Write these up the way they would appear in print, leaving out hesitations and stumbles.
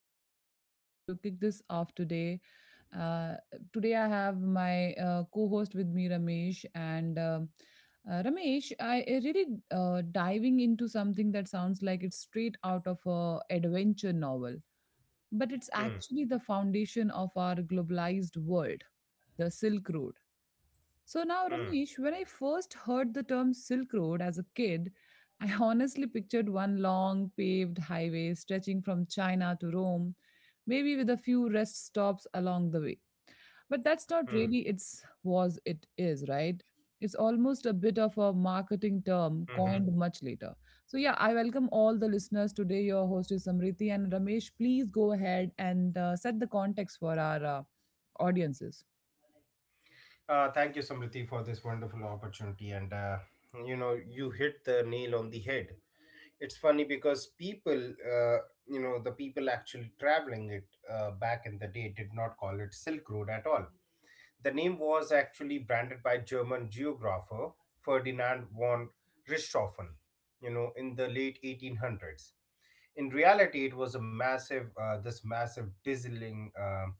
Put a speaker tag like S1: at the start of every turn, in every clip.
S1: I'm so excited to kick this off today. Uh, Today, I have my co host with me, Ramesh. And Ramesh, I really diving into something that sounds like it's straight out of a adventure novel, but it's
S2: Hmm,
S1: actually the foundation of our globalized world the Silk Road. So now,
S2: hmm,
S1: Ramesh, when I first heard the term Silk Road as a kid, I honestly pictured one long paved highway stretching from China to Rome, maybe with a few rest stops along the way. But that's not
S2: hmm,
S1: really its was it is, right? It's almost a bit of a marketing term
S2: mhm.
S1: coined much later. So yeah, I welcome all the listeners today. Your host is Samriti and Ramesh. Please go ahead and set the context for our audiences.
S2: Thank you, Samriti, for this wonderful opportunity. And you know, you hit the nail on the head. It's funny because uh, the people actually traveling it back in the day did not call it Silk Road at all. The name was actually branded by German geographer Ferdinand von Richthofen. You know, in the late 1800s, in reality it was a massive, dazzling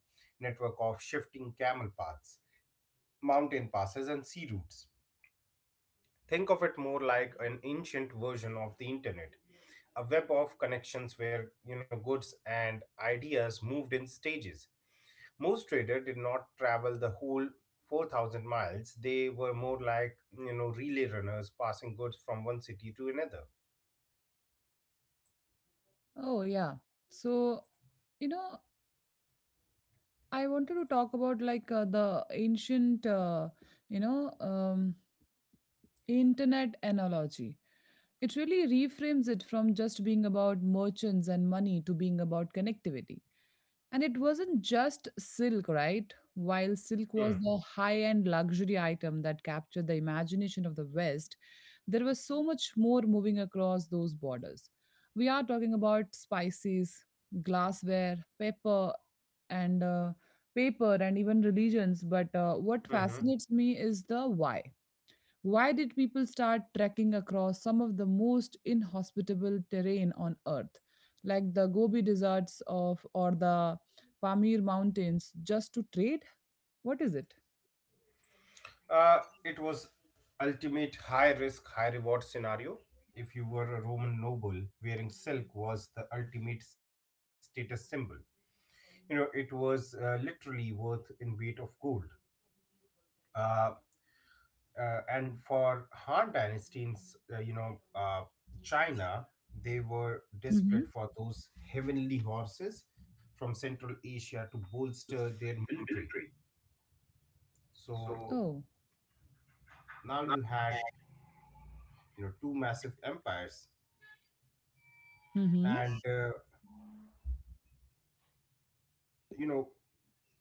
S2: network of shifting camel paths, mountain passes, and sea routes. Think of it more like an ancient version of the internet, a web of connections where, you know, goods and ideas moved in stages. Most traders did not travel the whole 4,000 miles. They were more like, you know, relay runners passing goods from one city to another.
S1: Oh, yeah. So, you know, I wanted to talk about like the ancient, you know, um, internet analogy. It really reframes it from just being about merchants and money to being about connectivity. And it wasn't just silk, right? While silk
S2: Hmm.
S1: was the high end luxury item that captured the imagination of the West, there was so much more moving across those borders. We are talking about spices, glassware, paper, and paper, and even religions. But what
S2: mm-hmm.
S1: fascinates me is the why. Why did people start trekking across some of the most inhospitable terrain on Earth, like the Gobi deserts of or the Pamir mountains, just to trade? What is it?
S2: Uh, it was ultimate high risk, high reward scenario. If you were a Roman noble, wearing silk was the ultimate status symbol. You know, it was literally worth in weight of gold. Uh, and for Han dynasty in China, they were
S1: Hmm.
S2: desperate for those heavenly horses from Central Asia to bolster their military. So
S1: Oh.
S2: now you know, two massive empires
S1: Hmm.
S2: and you know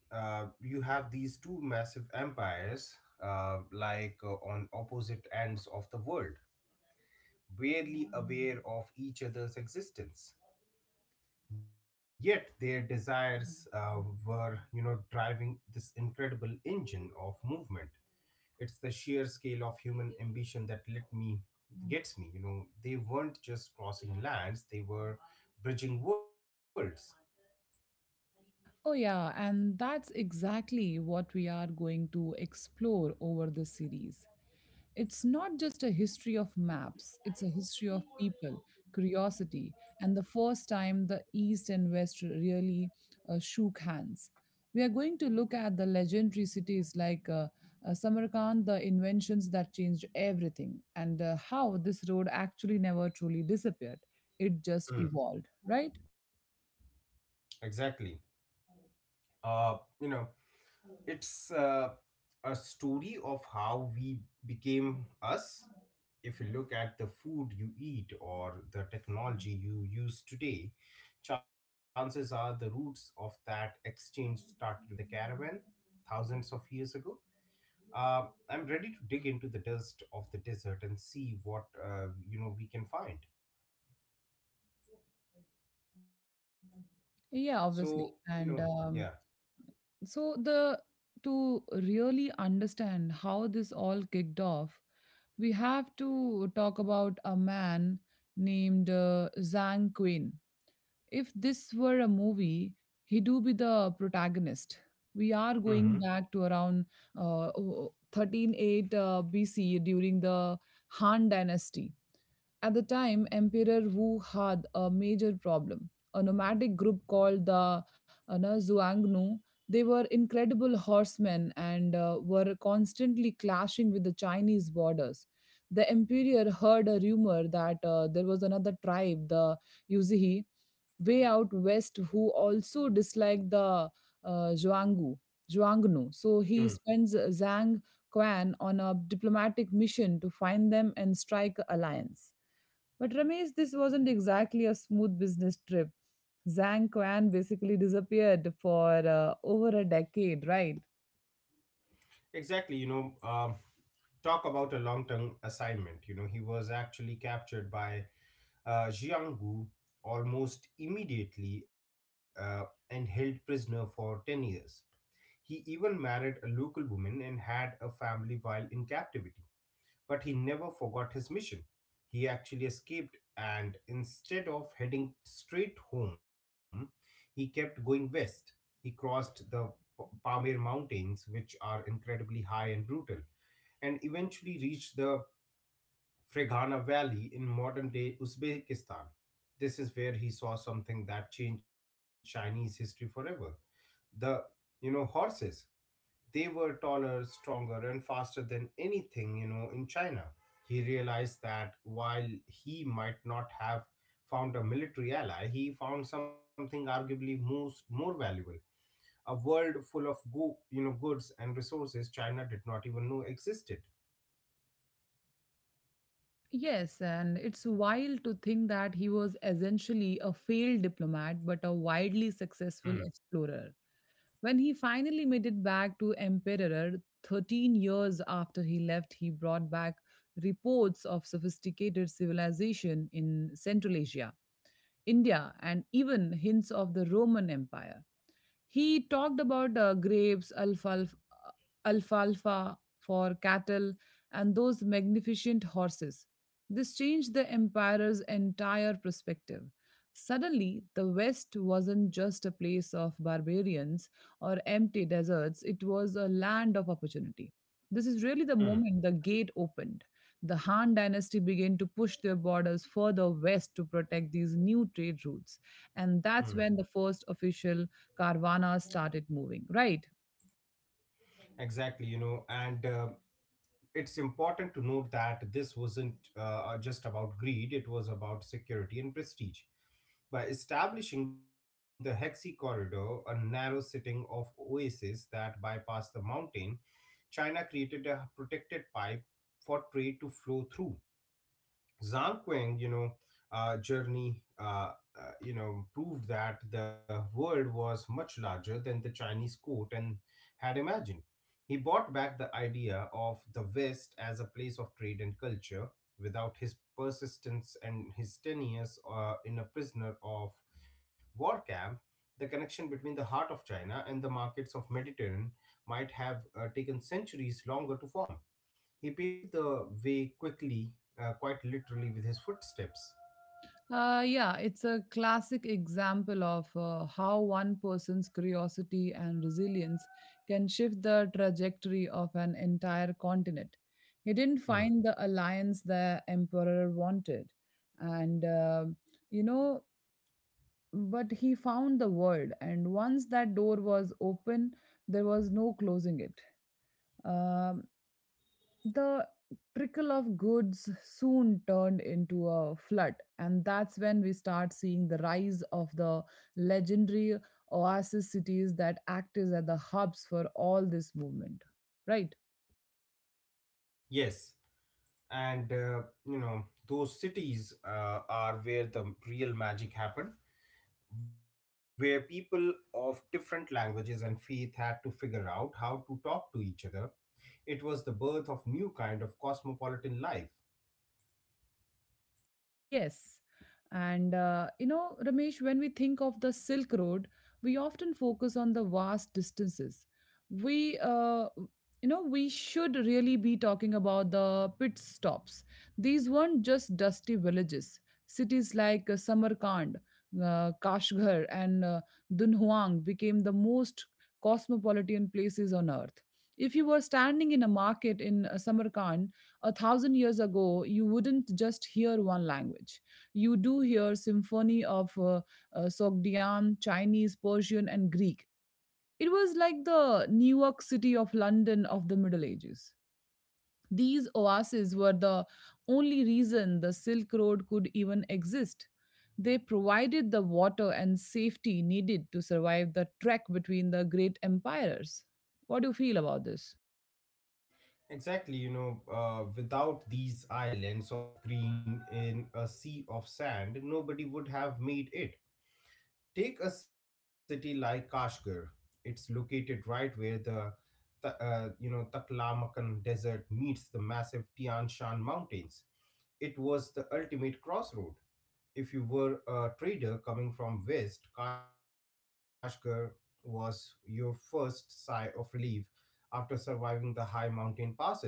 S2: you have these two massive empires, on opposite ends of the world, barely aware of each other's existence, yet their desires were, you know, driving this incredible engine of movement. It's the sheer scale of human ambition that let me gets me. You know, they weren't just crossing lands, they were bridging worlds.
S1: Oh, yeah, and that's exactly what we are going to explore over the series. It's not just a history of maps, it's a history of people, curiosity, and the first time the East and West really shook hands. We are going to look at the legendary cities like Samarkand, the inventions that changed everything, and how this road actually never truly disappeared. It just
S2: Mm,
S1: evolved, right?
S2: exactly. You know, it's A story of how we became us. If you look at the food you eat or the technology you use today, chances are the roots of that exchange started with the caravan thousands of years ago. I'm ready to dig into the dust of the desert and see what, you know, we can find. So
S1: Yeah,
S2: you know,
S1: obviously.
S2: yeah,
S1: And So the to really understand how this all kicked off, we have to talk about a man named Zhang Quinn. If this were a movie, he do be the protagonist. We
S2: hmm,
S1: are going back to around 138 BC during the Han Dynasty. At the time, Emperor Wu had a major problem. A nomadic group called the no, Zhuangnu. They were incredible horsemen and were constantly clashing with the Chinese borders. The emperor heard a rumor that there was another tribe, the Yuzihi, way out west who also disliked the Zhuanggu. Zhuangnu. So he sends Zhang Quan on a diplomatic mission to find them and strike alliance. But Ramesh, this wasn't exactly a smooth business trip. Zhang Quan basically disappeared for over a decade, right?
S2: exactly. You know, talk about a long-term assignment. You know, he was actually captured by Jiang Gu almost immediately, and held prisoner for 10 years. He even married a local woman and had a family while in captivity. But he never forgot his mission. He actually escaped, and instead of heading straight home, he kept going west. He crossed the Pamir Mountains, which are incredibly high and brutal, and eventually reached the Ferghana Valley in modern day Uzbekistan. This is where he saw something that changed Chinese history forever the, you know, horses. They were taller, stronger, and faster than anything, you know, in China. He realized that while he might not have found a military ally, he found something arguably more valuable. A world full of you know, goods and resources China did not even know existed.
S1: Yes, and it's wild to think that he was essentially a failed diplomat but a widely
S2: Hmm,
S1: successful explorer. When he finally made it back to Emperor 13 years after he left, he brought back reports of sophisticated civilization in Central Asia, India, and even hints of the Roman Empire. He talked about grapes, alfalfa for cattle, and those magnificent horses. This changed the emperor's entire perspective. Suddenly, the West wasn't just a place of barbarians or empty deserts, it was a land of opportunity. This is really the
S2: hmm,
S1: moment the gate opened. The Han dynasty began to push their borders further west to protect these new trade routes. And that's when
S2: hmm.
S1: the first official Carvana started moving, right?
S2: Exactly, you know, and it's important to note that this wasn't just about greed, it was about security and prestige. By establishing the Hexi Corridor, a narrow setting of oases that bypass the mountain, China created a protected pipe for trade to flow through. Zhang you know, Journey, you know, proved that the world was much larger than the Chinese court and had imagined. He brought back the idea of the West as a place of trade and culture. Without his persistence and his 10 years in a prisoner of war camp, the connection between the heart of China and the markets of Mediterranean might have taken centuries longer to form. He paved the way quickly, quite literally, with his footsteps.
S1: Yeah, it's a classic example of how one person's curiosity and resilience can shift the trajectory of an entire continent. He didn't
S2: Hmm.
S1: find the alliance the emperor wanted, and uh, you know, but he found the world. And once that door was open, there was no closing it. Um the trickle of goods soon turned into a flood, and that's when we start seeing the rise of the legendary oasis cities that act as at the hubs for all this movement, right?
S2: Yes, and you know, those cities are where the real magic happened, where people of different languages and faith had to figure out how to talk to each other. It was the birth of new kind of cosmopolitan life.
S1: Yes. And, Ramesh, when we think of the Silk Road, we often focus on the vast distances. We, uh, we should really be talking about the pit stops. These weren't just dusty villages. Cities like Samarkand, Kashgar, and Dunhuang became the most cosmopolitan places on earth. If you were standing in a market in Samarkand, a thousand years ago, you wouldn't just hear one language. You do hear symphony of Sogdian, Chinese, Persian, and Greek. It was like the Newark City of London of the Middle Ages. These oases were the only reason the Silk Road could even exist. They provided the water and safety needed to survive the trek between the great empires. What do you feel about this?
S2: Exactly, you know, without these islands of green in a sea of sand, nobody would have made it. Take a city like Kashgar. It's located right where the you know, Taklamakan Desert meets the massive Tian Shan Mountains. It was the ultimate crossroad. If you were a trader coming from west, Kashgar was your first sigh of relief after surviving the high mountain passes.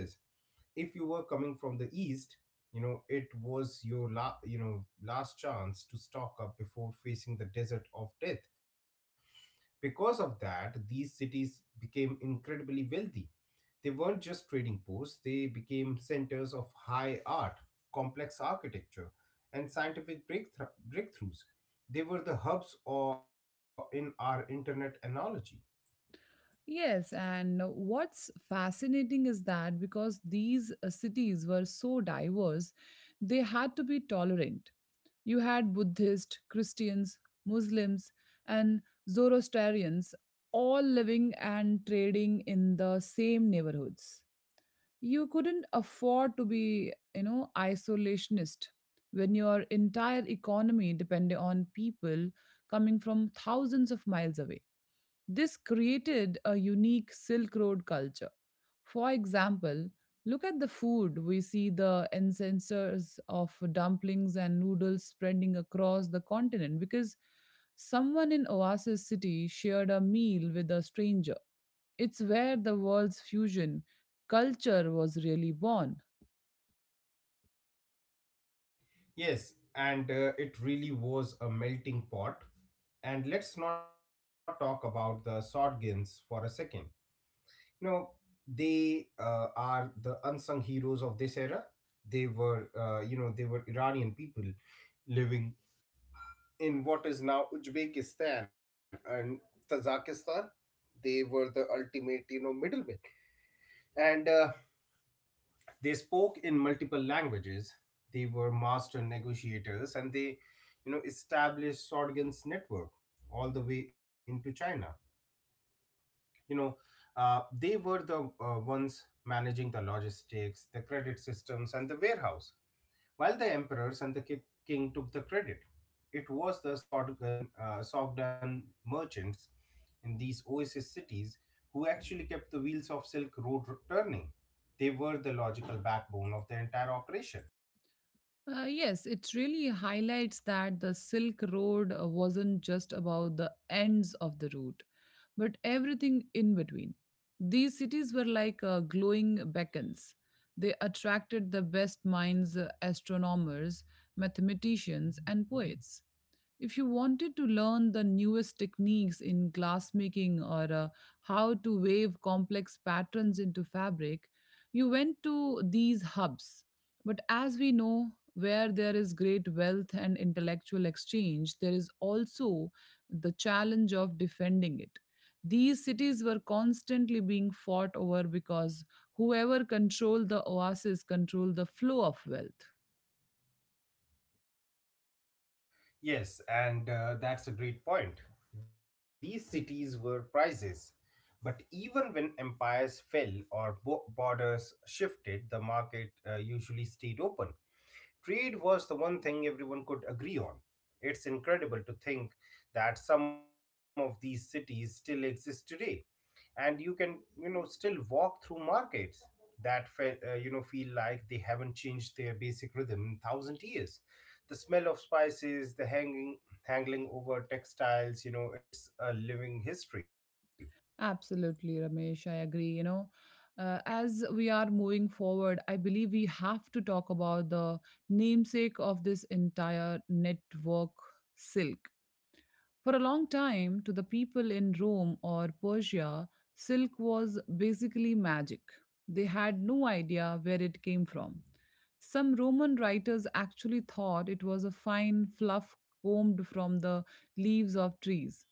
S2: If you were coming from the east, you know, it was your you know, last chance to stock up before facing the desert of death. Because of that, these cities became incredibly wealthy. They weren't just trading posts, they became centers of high art, complex architecture, and scientific breakthroughs. They were the hubs or in our internet analogy.
S1: Yes, and what's fascinating is that because these cities were so diverse, they had to be tolerant. You had Buddhists, Christians, Muslims, and Zoroastrians all living and trading in the same neighborhoods. You couldn't afford to be, you know, isolationist when your entire economy depended on people coming from thousands of miles away. This created a unique Silk Road culture. For example, look at the food. We see the incenses of dumplings and noodles spreading across the continent because someone in Oasis City shared a meal with a stranger. It's where the world's fusion culture was really born.
S2: Yes, and it really was a melting pot. And let's not talk about the shotguns for a second. You know, they are the unsung heroes of this era. They were, you know, they were Iranian people living in what is now Uzbekistan and Tajikistan. They were the ultimate, you know, middlemen, and they spoke in multiple languages. They were master negotiators, and they, you know, established sorghum's network all the way into China. You know, they were the ones managing the logistics, the credit systems, and the warehouse, while the emperors and the king took the credit. It was the sogdan merchants in these oasis cities who actually kept the wheels of silk road turning. They were the logical backbone of the entire operation.
S1: Yes, it really highlights that the Silk Road wasn't just about the ends of the route, but everything in between. These cities were like glowing beacons. They attracted the best minds, astronomers, mathematicians, and poets. If you wanted to learn the newest techniques in glassmaking or how to wave complex patterns into fabric, you went to these hubs. But as we know, where there is great wealth and intellectual exchange, there is also the challenge of defending it. These cities were constantly being fought over because whoever controlled the oasis controlled the flow of wealth.
S2: Yes, and that's a great point. These cities were prizes. But even when empires fell or borders shifted, the market usually stayed open. Trade was the one thing everyone could agree on. It's incredible to think that some of these cities still exist today, and you can, you know, still walk through markets that you know, feel like they haven't changed their basic rhythm in thousand years. The smell of spices, the hanging hangling over textiles, you know, it's a living history.
S1: Absolutely, Ramesh. I agree. You know, as we are moving forward, I believe we have to talk about the namesake of this entire network, silk. For a long time, to the people in Rome or Persia, silk was basically magic. They had no idea where it came from. Some Roman writers actually thought it was a fine fluff combed from the leaves of trees.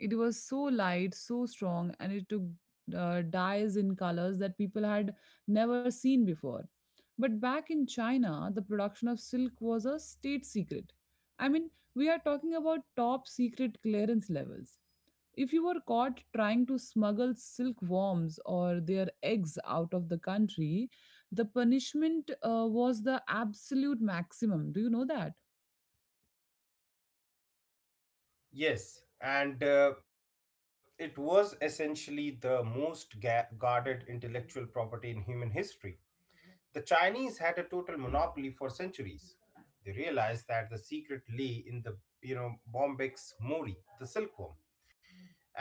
S1: It was so light, so strong, and it took dyes in colors that people had never seen before. But back in China, the production of silk was a state secret. I mean, we are talking about top secret clearance levels. If you were caught trying to smuggle silkworms or their eggs out of the country, the punishment was the absolute maximum. Do you know that?
S2: Yes, and it was essentially the most guarded intellectual property in human history. The Chinese had a total monopoly for centuries. They realized that the secret lay in the, you know, bombyx mori, the silkworm,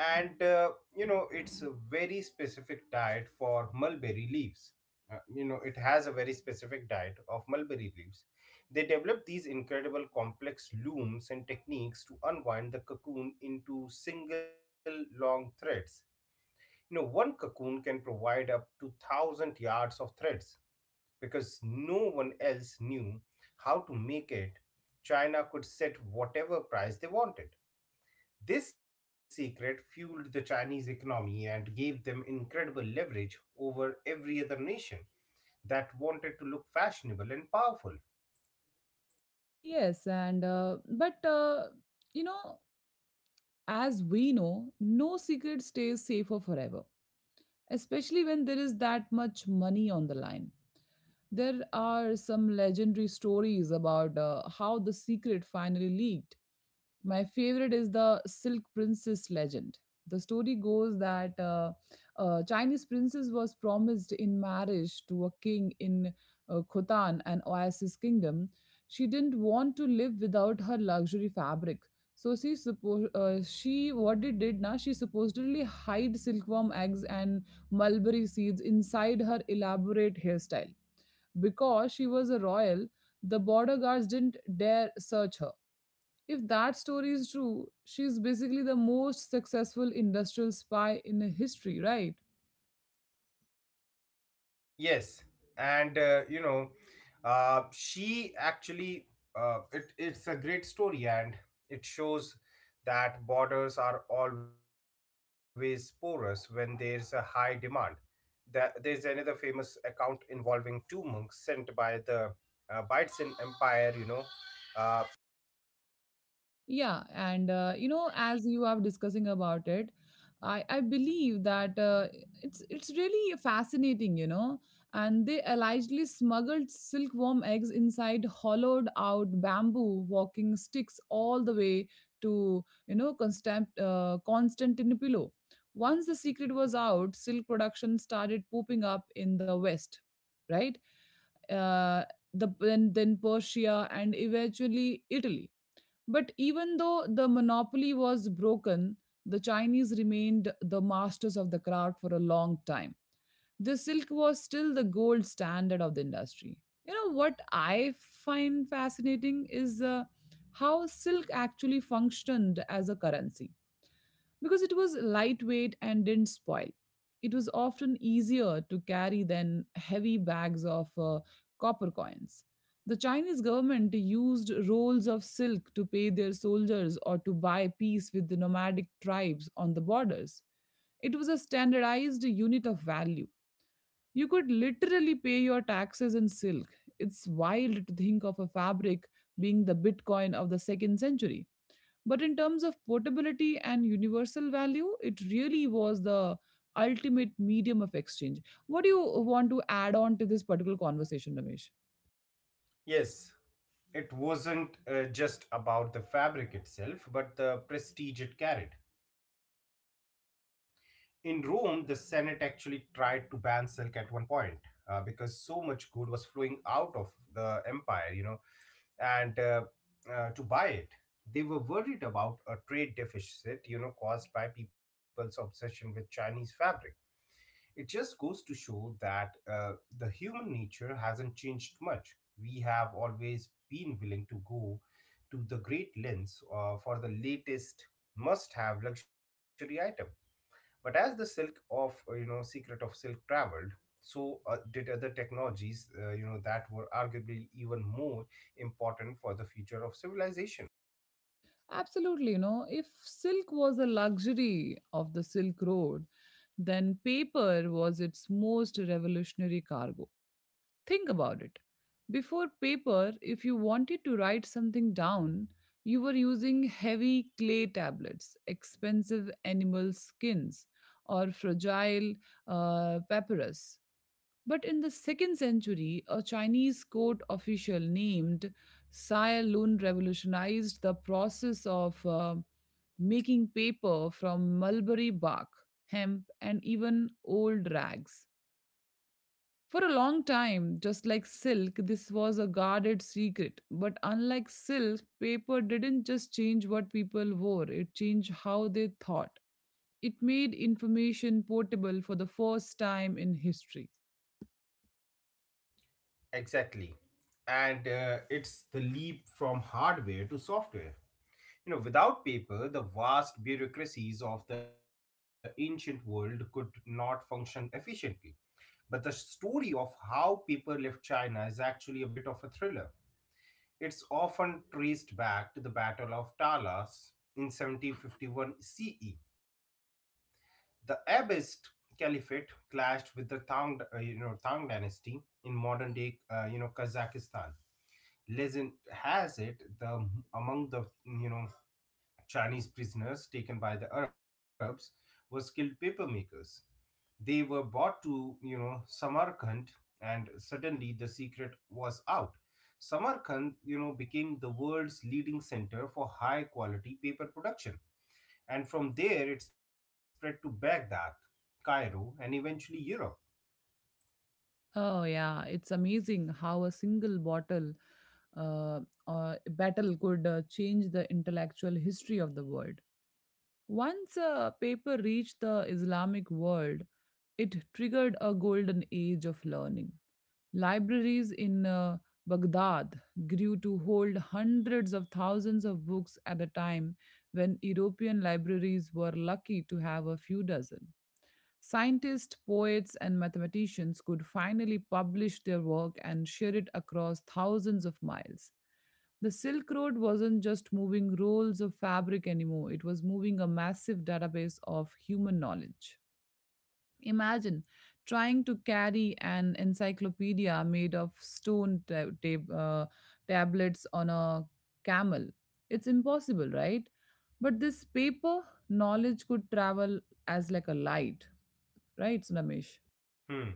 S2: and you know it's a very specific diet for mulberry leaves you know, it has a very specific diet of mulberry leaves. They develop these incredible complex looms and techniques to unwind the cocoon into single long threads. You know, one cocoon can provide up to 1,000 yards of threads. Because no one else knew how to make it, China could set whatever price they wanted. This secret fueled the Chinese economy and gave them incredible leverage over every other nation that wanted to look fashionable and powerful.
S1: Yes, and but you know, as we know, no secret stays safer forever, especially when there is that much money on the line. There are some legendary stories about how the secret finally leaked. My favorite is the Silk Princess legend. The story goes that a Chinese princess was promised in marriage to a king in Khotan, an oasis kingdom. She didn't want to live without her luxury fabric. So she suppo- she what it did now she supposedly hid silkworm eggs and mulberry seeds inside her elaborate hairstyle. Because she was a royal, the border guards didn't dare search her. If that story is true, she's basically the most successful industrial spy in the history, right?
S2: Yes, and uh, she actually, it's a great story, and it shows that borders are always porous when there's a high demand. That there's another famous account involving two monks sent by the Byzantine Empire, uh,
S1: Yeah, as you are discussing about it, I believe that it's really fascinating, you know. And they allegedly smuggled silkworm eggs inside hollowed out bamboo walking sticks all the way to you know Constantinople. Once the secret was out, silk production started pooping up in the west, right? Uh, then Persia and eventually Italy. But even though the monopoly was broken, the Chinese remained the masters of the craft for a long time. The silk was still the gold standard of the industry. You know what I find fascinating is how silk actually functioned as a currency because it was lightweight and didn't spoil. It was often easier to carry than heavy bags of copper coins. The Chinese government used rolls of silk to pay their soldiers or to buy peace with the nomadic tribes on the borders. It was a standardized unit of value. You could literally pay your taxes in silk. It's wild to think of a fabric being the Bitcoin of the second century. But in terms of portability and universal value, it really was the ultimate medium of exchange. What do you want to add on to this particular conversation, Ramesh?
S2: Yes, it wasn't just about the fabric itself, but the prestige it carried. In Rome, the Senate actually tried to ban silk at one point, because so much gold was flowing out of the empire, you know, and to buy it. They were worried about a trade deficit, you know, caused by people's obsession with Chinese fabric. It just goes to show that, the human nature hasn't changed much. We have always been willing to go to the great lengths for the latest must-have luxury item. But as the silk of, you know, secret of silk traveled, so did other technologies, you know, that were arguably even more important for the future of civilization.
S1: Absolutely, you know, if silk was the luxury of the Silk Road, then paper was its most revolutionary cargo. Think about it. Before paper, if you wanted to write something down, you were using heavy clay tablets, expensive animal skins, or fragile papyrus. But in the second century, a Chinese court official named Sai Lun revolutionized the process of making paper from mulberry bark, hemp, and even old rags. For a long time, just like silk, this was a guarded secret. But unlike silk, paper didn't just change what people wore, it changed how they thought. It made information portable for the first time in history.
S2: Exactly. And it's the leap from hardware to software. You know, without paper, the vast bureaucracies of the ancient world could not function efficiently. But the story of how paper left China is actually a bit of a thriller. It's often traced back to the Battle of Talas in 1751 CE. The Abbasid Caliphate clashed with the Tang dynasty in modern-day, you know, Kazakhstan. Legend has it, the among the, you know, Chinese prisoners taken by the Arabs were skilled papermakers. They were brought to, you know, Samarkand, and suddenly the secret was out. Samarkand, you know, became the world's leading center for high quality paper production. And from there, it spread to Baghdad, Cairo, and eventually Europe.
S1: Oh, yeah, it's amazing how a single bottle uh, battle could change the intellectual history of the world. Once paper reached the Islamic world, it triggered a golden age of learning. Libraries in Baghdad grew to hold hundreds of thousands of books at a time when European libraries were lucky to have a few dozen. Scientists, poets, and mathematicians could finally publish their work and share it across thousands of miles. The Silk Road wasn't just moving rolls of fabric anymore, it was moving a massive database of human knowledge. Imagine trying to carry an encyclopedia made of stone tablets on a camel. It's impossible, right? But this paper knowledge could travel as like a light, right, Ramesh?
S2: Hmm.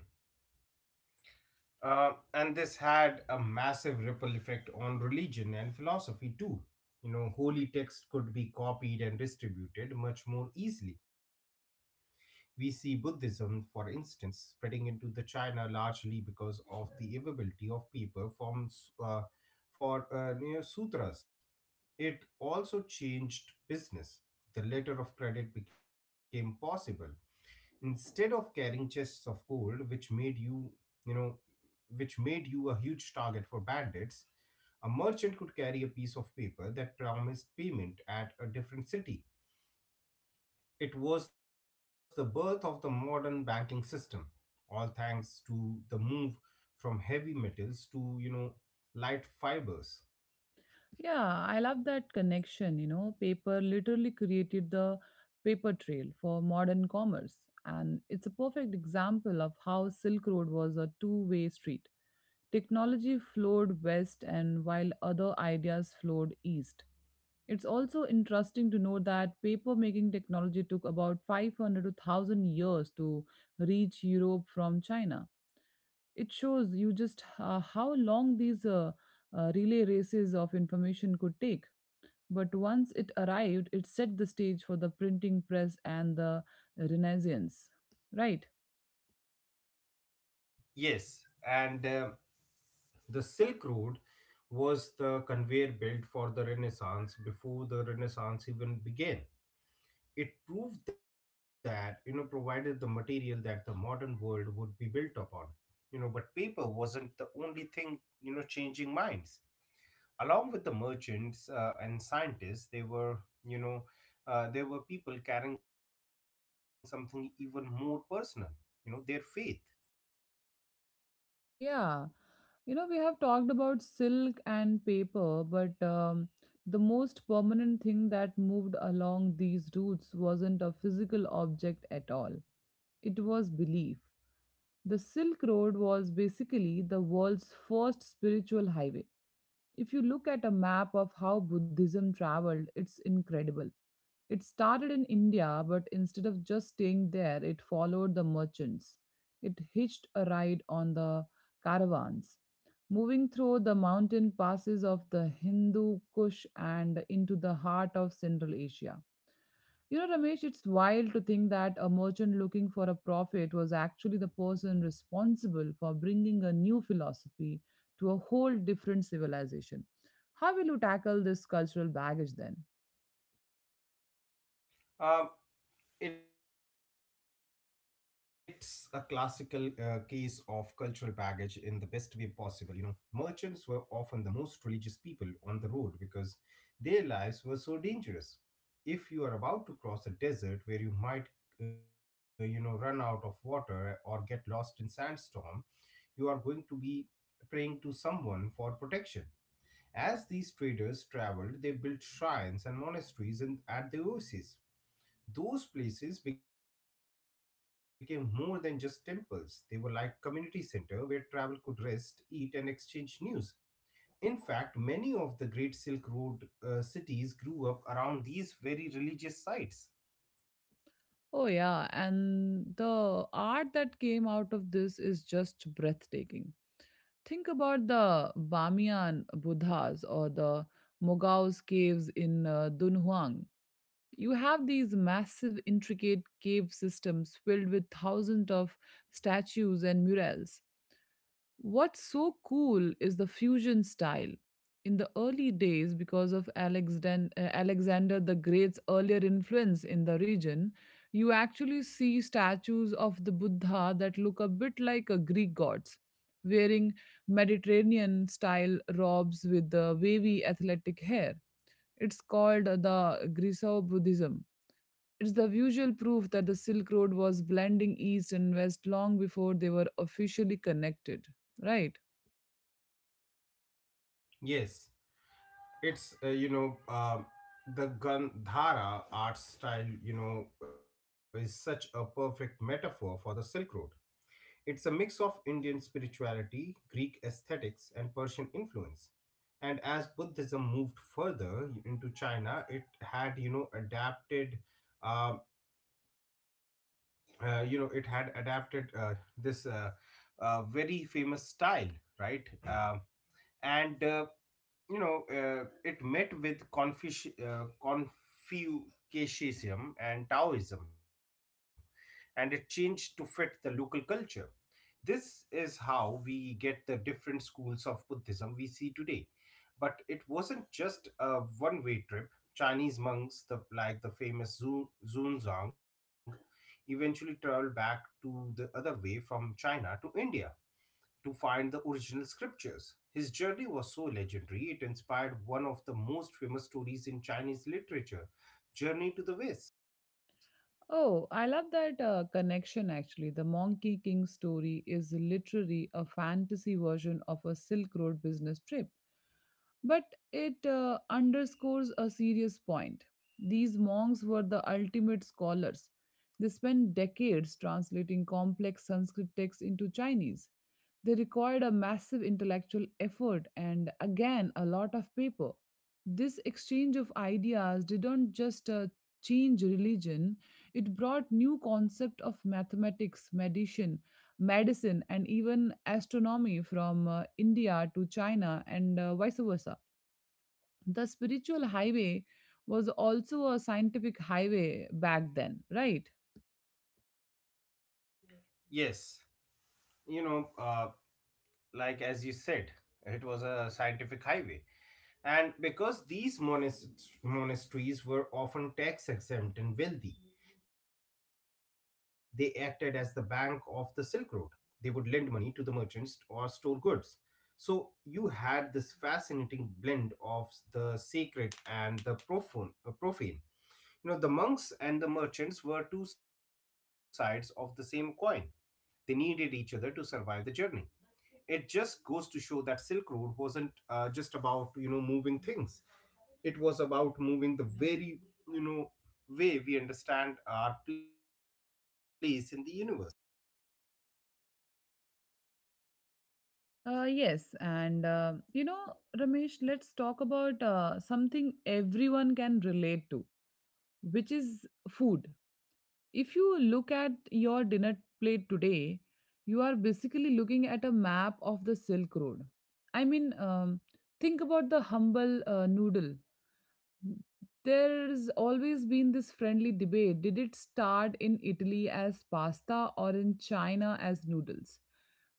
S2: And this had a massive ripple effect on religion and philosophy too. You know, holy texts could be copied and distributed much more easily. We see Buddhism, for instance, spreading into the China largely because of the availability of paper forms, for, you know, sutras. It also changed business. The letter of credit became possible instead of carrying chests of gold, which made you know, which made you a huge target for bandits. A merchant could carry a piece of paper that promised payment at a different city. It was the birth of the modern banking system, all thanks to the move from heavy metals to, light fibers.
S1: Yeah, I love that connection. You know, paper literally created the paper trail for modern commerce. And it's a perfect example of how Silk Road was a two-way street. Technology flowed west, and while other ideas flowed east. It's also interesting to know that papermaking technology took about 500 to 1,000 years to reach Europe from China. It shows you just how long these relay races of information could take. But once it arrived, it set the stage for the printing press and the Renaissance. Right?
S2: Yes, and the Silk Road was the conveyor belt for the Renaissance before the Renaissance even began. It proved that, provided the material that the modern world would be built upon. But paper wasn't the only thing, changing minds along with the merchants and scientists. They were you know there were people carrying something even more personal, their faith.
S1: Yeah. You know, we have talked about silk and paper, but the most permanent thing that moved along these routes wasn't a physical object at all. It was belief. The Silk Road was basically the world's first spiritual highway. If you look at a map of how Buddhism traveled, it's incredible. It started in India, but instead of just staying there, it followed the merchants. It hitched a ride on the caravans, moving through the mountain passes of the Hindu Kush and into the heart of Central Asia. You know, Ramesh, it's wild to think that a merchant looking for a prophet was actually the person responsible for bringing a new philosophy to a whole different civilization. How will you tackle this cultural baggage then?
S2: Um It's a classical case of cultural baggage in the best way possible, Merchants were often the most religious people on the road because their lives were so dangerous. If you are about to cross a desert where you might, run out of water or get lost in sandstorm, you are going to be praying to someone for protection. As these traders traveled, they built shrines and monasteries in, at the oases. Those places became more than just temples. They were like community center where travel could rest, eat and exchange news. In fact, many of the great Silk Road cities grew up around these very religious sites.
S1: Oh, yeah. And the art that came out of this is just breathtaking. Think about the Bamiyan Buddhas or the Mogao's caves in Dunhuang. You have these massive, intricate cave systems filled with thousands of statues and murals. What's so cool is the fusion style. In the early days, because of Alexander the Great's earlier influence in the region, you actually see statues of the Buddha that look a bit like a Greek gods, wearing Mediterranean style robes with the wavy athletic hair. It's called the Grisao Buddhism. It's the visual proof that the Silk Road was blending East and West long before they were officially connected, right?
S2: Yes, it's the Gandhara art style, is such a perfect metaphor for the Silk Road. It's a mix of Indian spirituality, Greek aesthetics, and Persian influence. And as Buddhism moved further into China, it had, adapted, um, it had adapted this very famous style, right? And you know uh, it met with Confucianism and Taoism, and it changed to fit the local culture. This is how we get the different schools of Buddhism we see today. But it wasn't just a one way trip. Chinese monks, the, like the famous Zhuzong, eventually traveled back to the other way from China to India to find the original scriptures. His journey was so legendary, it inspired one of the most famous stories in Chinese literature, Journey to the West.
S1: Oh, I love that connection actually. The Monkey King story is literally a fantasy version of a Silk Road business trip. But it underscores a serious point. These monks were the ultimate scholars. They spent decades translating complex Sanskrit texts into Chinese. They required a massive intellectual effort and, again, a lot of paper. This exchange of ideas didn't just change religion, it brought new concept of mathematics, medicine and even astronomy from India to China and vice versa. The spiritual highway was also a scientific highway back then, right?
S2: Yes, you know, uh, like as you said, it was a scientific highway. And because these monasteries were often tax exempt and wealthy, they acted as the bank of the Silk Road. They would lend money to the merchants or store goods. So you had this fascinating blend of the sacred and the profane. The monks and the merchants were two sides of the same coin. They needed each other to survive the journey. It just goes to show that Silk Road wasn't just about, moving things. It was about moving the very, you know way we understand our place in the universe.
S1: Yes and Ramesh, let's talk about something everyone can relate to, which is food. If you look at your dinner plate today, you are basically looking at a map of the Silk Road. I mean, think about the humble noodle. There's always been this friendly debate. Did it start in Italy as pasta or in China as noodles?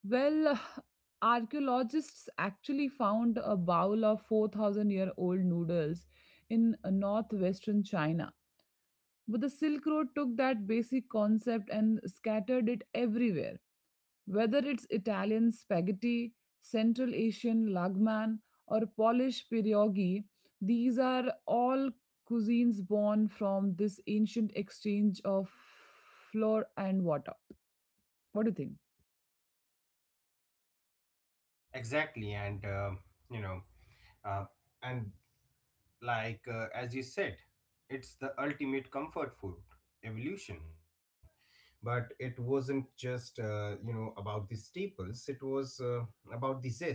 S1: Well, archaeologists actually found a bowl of 4,000 year old noodles in northwestern China. But the Silk Road took that basic concept and scattered it everywhere. Whether it's Italian spaghetti, Central Asian lagman, or Polish pierogi, these are all cuisines born from this ancient exchange of flour and water. What do you think?
S2: Exactly, you know uh, and like as you said, it's the ultimate comfort food evolution. But it wasn't just, about the staples. It was about the zest.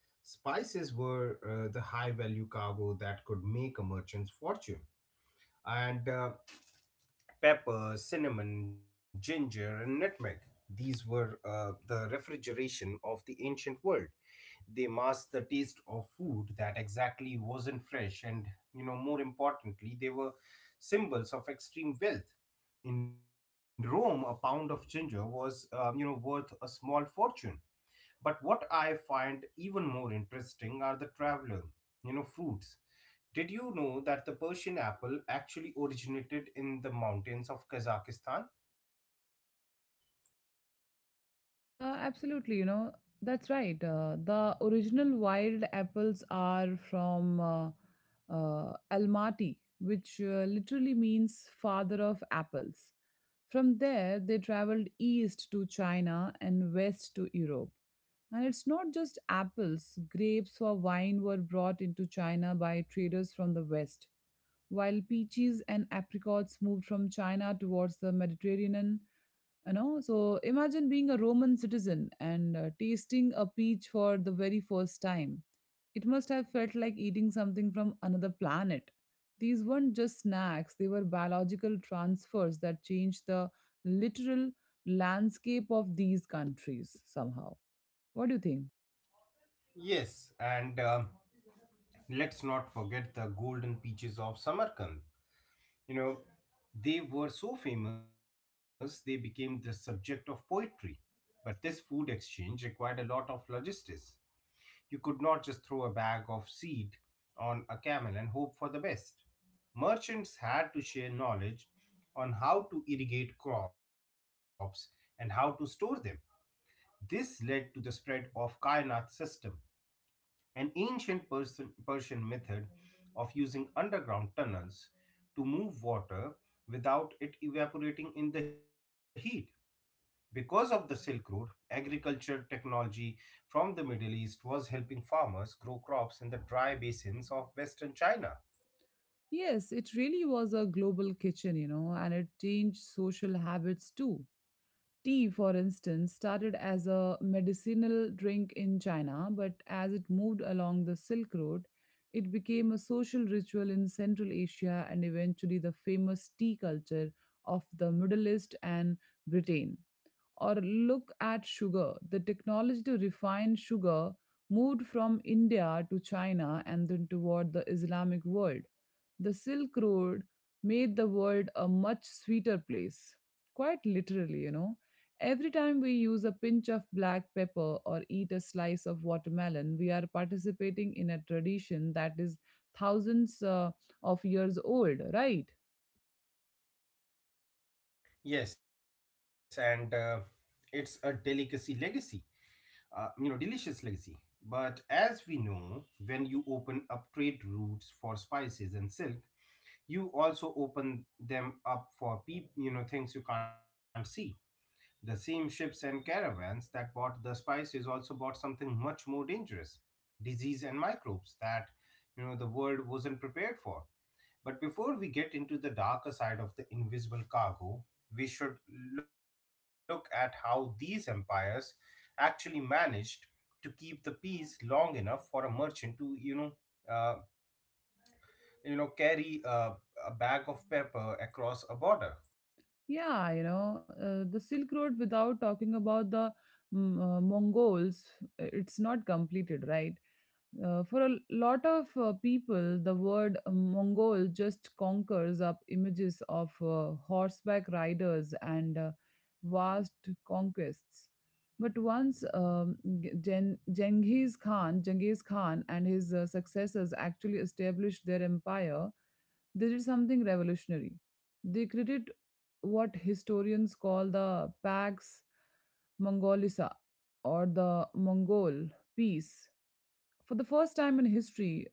S2: Spices were the high value cargo that could make a merchant's fortune. And pepper, cinnamon, ginger and nutmeg, these were the refrigeration of the ancient world. They masked the taste of food that exactly wasn't fresh, and more importantly, they were symbols of extreme wealth. In Rome, a pound of ginger was worth a small fortune. But what I find even more interesting are the traveler, fruits. Did you know that the Persian apple actually originated in the mountains of Kazakhstan?
S1: Absolutely, you know, that's right. The original wild apples are from Almaty, which literally means father of apples. From there, they traveled east to China and west to Europe. And it's not just apples, grapes for wine were brought into China by traders from the West, while peaches and apricots moved from China towards the Mediterranean. You know, so imagine being a Roman citizen and tasting a peach for the very first time. It must have felt like eating something from another planet. These weren't just snacks, they were biological transfers that changed the literal landscape of these countries somehow. What do you think?
S2: Yes, and let's not forget the golden peaches of Samarkand. You know, they were so famous they became the subject of poetry. But this food exchange required a lot of logistics. You could not just throw a bag of seed on a camel and hope for the best. Merchants had to share knowledge on how to irrigate crops and how to store them. This led to the spread of Kainat system, an ancient Persian method of using underground tunnels to move water without it evaporating in the heat. Because of the Silk Road, agriculture technology from the Middle East was helping farmers grow crops in the dry basins of Western China.
S1: Yes, it really was a global kitchen, you know, and it changed social habits too. Tea, for instance, started as a medicinal drink in China, but as it moved along the Silk Road, it became a social ritual in Central Asia and eventually the famous tea culture of the Middle East and Britain. Or look at sugar. The technology to refine sugar moved from India to China and then toward the Islamic world. The Silk Road made the world a much sweeter place. Quite literally, you know. Every time we use a pinch of black pepper or eat a slice of watermelon, we are participating in a tradition that is thousands of years old, right?
S2: Yes, and it's a delicacy legacy, delicious legacy. But as we know, when you open up trade routes for spices and silk, you also open them up for you know, things you can't see. The same ships and caravans that bought the spices also bought something much more dangerous, disease and microbes that, the world wasn't prepared for. But before we get into the darker side of the invisible cargo, we should look at how these empires actually managed to keep the peace long enough for a merchant to, uh, carry a bag of pepper across a border.
S1: Yeah, you know, the Silk Road without talking about the Mongols, it's not completed, right? For a lot of people, the word Mongol just conquers up images of horseback riders and vast conquests. But once Genghis Khan, Genghis Khan and his successors actually established their empire, they did something revolutionary. They created what historians call the Pax Mongolica or the Mongol peace. For the first time in history,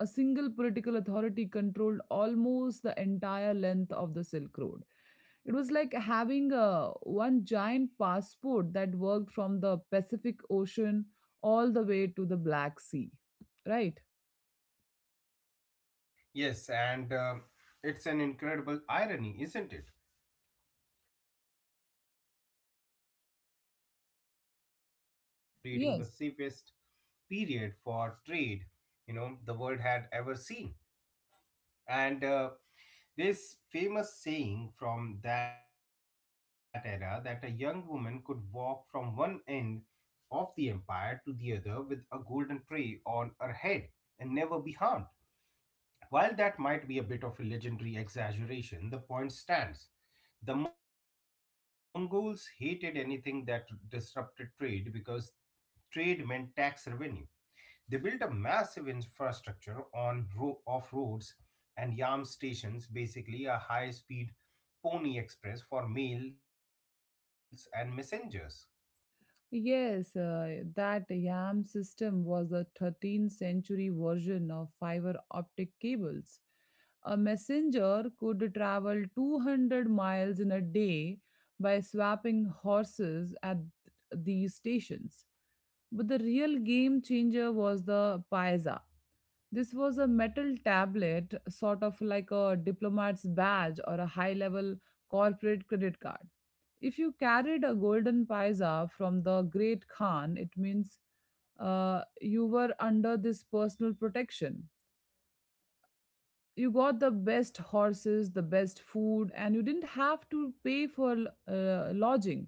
S1: a single political authority controlled almost the entire length of the Silk Road. It was like having one giant passport that worked from the Pacific Ocean all the way to the Black Sea, right?
S2: Yes, and it's an incredible irony, isn't it? An empire built on such intense military power ended up creating the
S1: Yes.
S2: safest period for trade, the world had ever seen. And this famous saying from that era, that a young woman could walk from one end of the empire to the other with a golden tray on her head and never be harmed. While that might be a bit of a legendary exaggeration, the point stands. The Mongols hated anything that disrupted trade because trade meant tax revenue. They built a massive infrastructure on off roads and yam stations, basically a high-speed pony express for mails and messengers.
S1: Yes, that YAM system was a 13th century version of fiber optic cables. A messenger could travel 200 miles in a day by swapping horses at these stations. But the real game changer was the paisa. This was a metal tablet, sort of like a diplomat's badge or a high level corporate credit card. If you carried a golden paisa from the great Khan, it means you were under this personal protection. You got the best horses, the best food, and you didn't have to pay for lodging.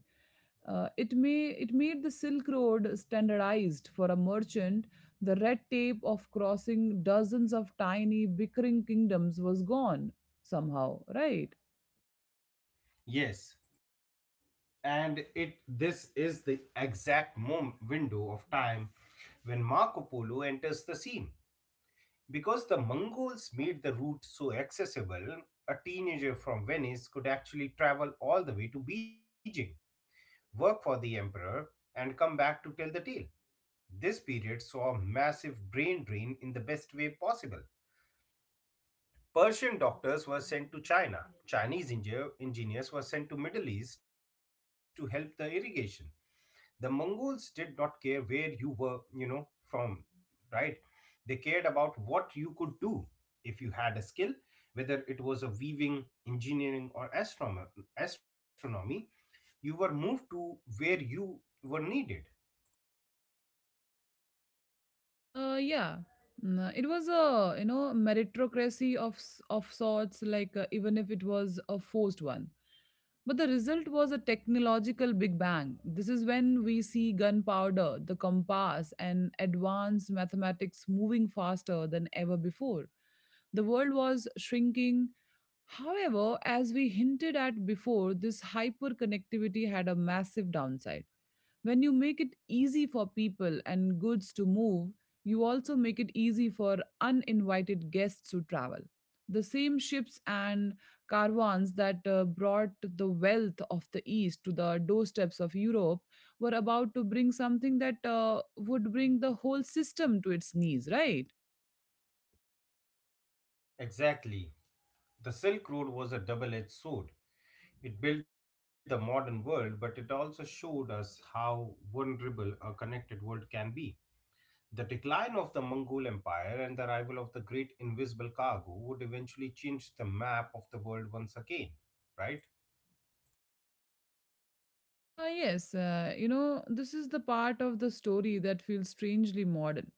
S1: It made the Silk Road standardized for a merchant. The red tape of crossing dozens of tiny bickering kingdoms was gone somehow, right?
S2: Yes, and it this is the exact window of time when Marco Polo enters the scene. Because the Mongols made the route so accessible, a teenager from Venice could actually travel all the way to Beijing, work for the emperor, and come back to tell the tale. This period saw a massive brain drain in the best way possible. Persian doctors were sent to China. Chinese engineers were sent to Middle East to help the irrigation. The Mongols did not care where you were, from, right? They cared about what you could do. If you had a skill, whether it was a weaving, engineering or astronomy, you were moved to where you were needed.
S1: Yeah, it was a you know meritocracy of of sorts, like even if it was a forced one. But the result was a technological big bang. This is when we see gunpowder, the compass, and advanced mathematics moving faster than ever before. The world was shrinking. However, as we hinted at before, this hyperconnectivity had a massive downside. When you make it easy for people and goods to move, you also make it easy for uninvited guests to travel. The same ships and caravans that brought the wealth of the East to the doorsteps of Europe were about to bring something that would bring the whole system to its knees, right?
S2: Exactly, the Silk Road was a double edged sword. It built the modern world, but it also showed us how vulnerable a connected world can be. The decline of the Mongol Empire and the arrival of the great invisible cargo would eventually change the map of the world once again, right?
S1: Yes, you know, this is the part of the story that feels strangely modern.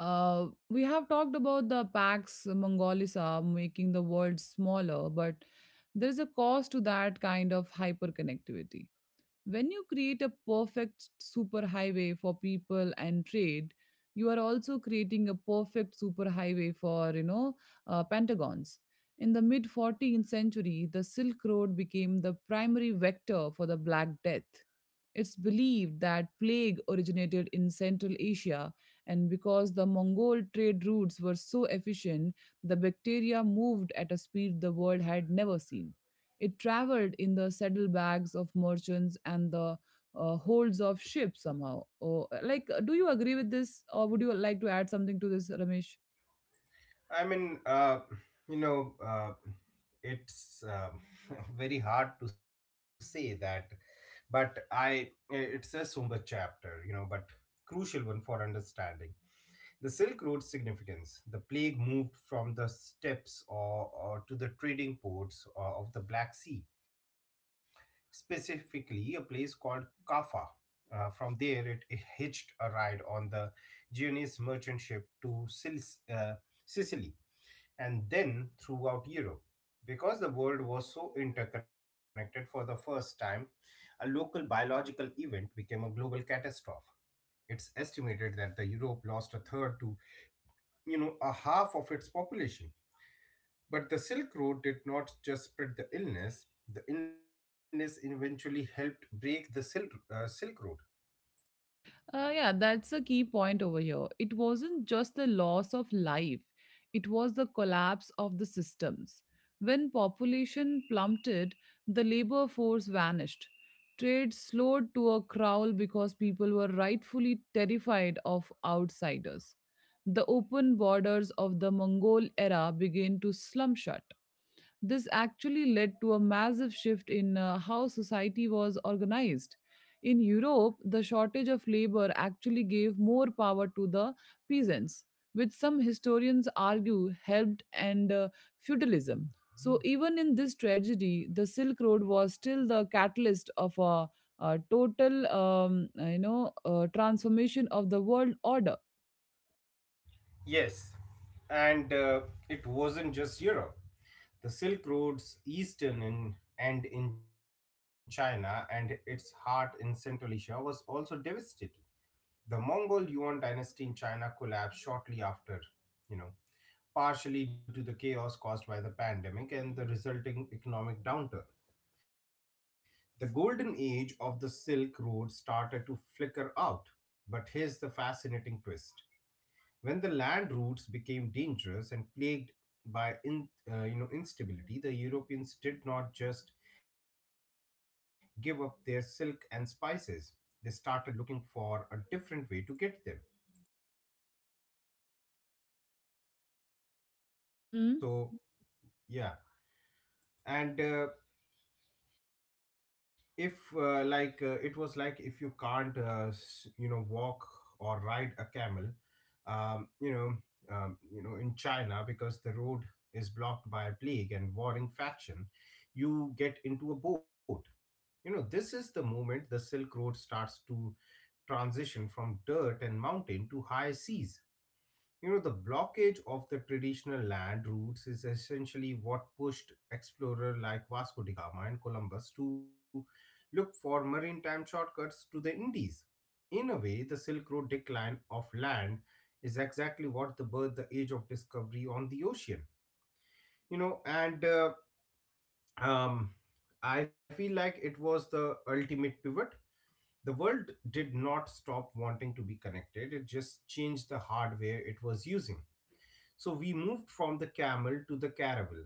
S1: We have talked about the Pax Mongolica making the world smaller, but there is a cost to that kind of hyperconnectivity. When you create a perfect superhighway for people and trade, you are also creating a perfect superhighway for, you know, pentagons. In the mid 14th century, the Silk Road became the primary vector for the Black Death. It's believed that plague originated in Central Asia, and because the Mongol trade routes were so efficient, the bacteria moved at a speed the world had never seen. It traveled in the saddlebags of merchants and the holds of ships somehow. Oh, like, do you agree with this, or would you like to add something to this, Ramesh?
S2: I mean, you know, it's very hard to say that, but it's a somber chapter, but crucial one for understanding. The Silk Road's significance. The plague moved from the steppes or to the trading ports of the Black Sea, specifically a place called Kaffa. From there, it hitched a ride on the Genoese merchant ship to Sicily and then throughout Europe. Because the world was so interconnected for the first time, a local biological event became a global catastrophe. It's estimated that the Europe lost a third to, a half of its population. But the Silk Road did not just spread the illness eventually helped break the Silk Road.
S1: Yeah, that's a key point over here. It wasn't just the loss of life, it was the collapse of the systems. When population plummeted, the labor force vanished. Trade slowed to a crawl because people were rightfully terrified of outsiders. The open borders of the Mongol era began to slum shut. This actually led to a massive shift in how society was organized. In Europe, the shortage of labor actually gave more power to the peasants, which some historians argue helped end feudalism. So, even in this tragedy, the Silk Road was still the catalyst of a total, transformation of the world order.
S2: Yes, and it wasn't just Europe. The Silk Road's eastern end in China and its heart in Central Asia was also devastated. The Mongol Yuan dynasty in China collapsed shortly after, you know, partially due to the chaos caused by the pandemic and the resulting economic downturn. The golden age of the Silk Road started to flicker out. But here's the fascinating twist. When the land routes became dangerous and plagued by in, you know instability, the Europeans did not just give up their silk and spices. They started looking for a different way to get them. So yeah, and if like it was like, if you can't walk or ride a camel, um, you know in China because the road is blocked by a plague and warring faction, you get into a boat. You know, this is the moment the Silk Road starts to transition from dirt and mountain to high seas. You know, the blockage of the traditional land routes is essentially what pushed explorers like Vasco da Gama and Columbus to look for maritime shortcuts to the Indies. In a way, the Silk Road decline of land is exactly what the birth the age of discovery on the ocean. You know, and um, I feel like it was the ultimate pivot. The world did not stop wanting to be connected, it just changed the hardware it was using. So we moved from the camel to the caravel.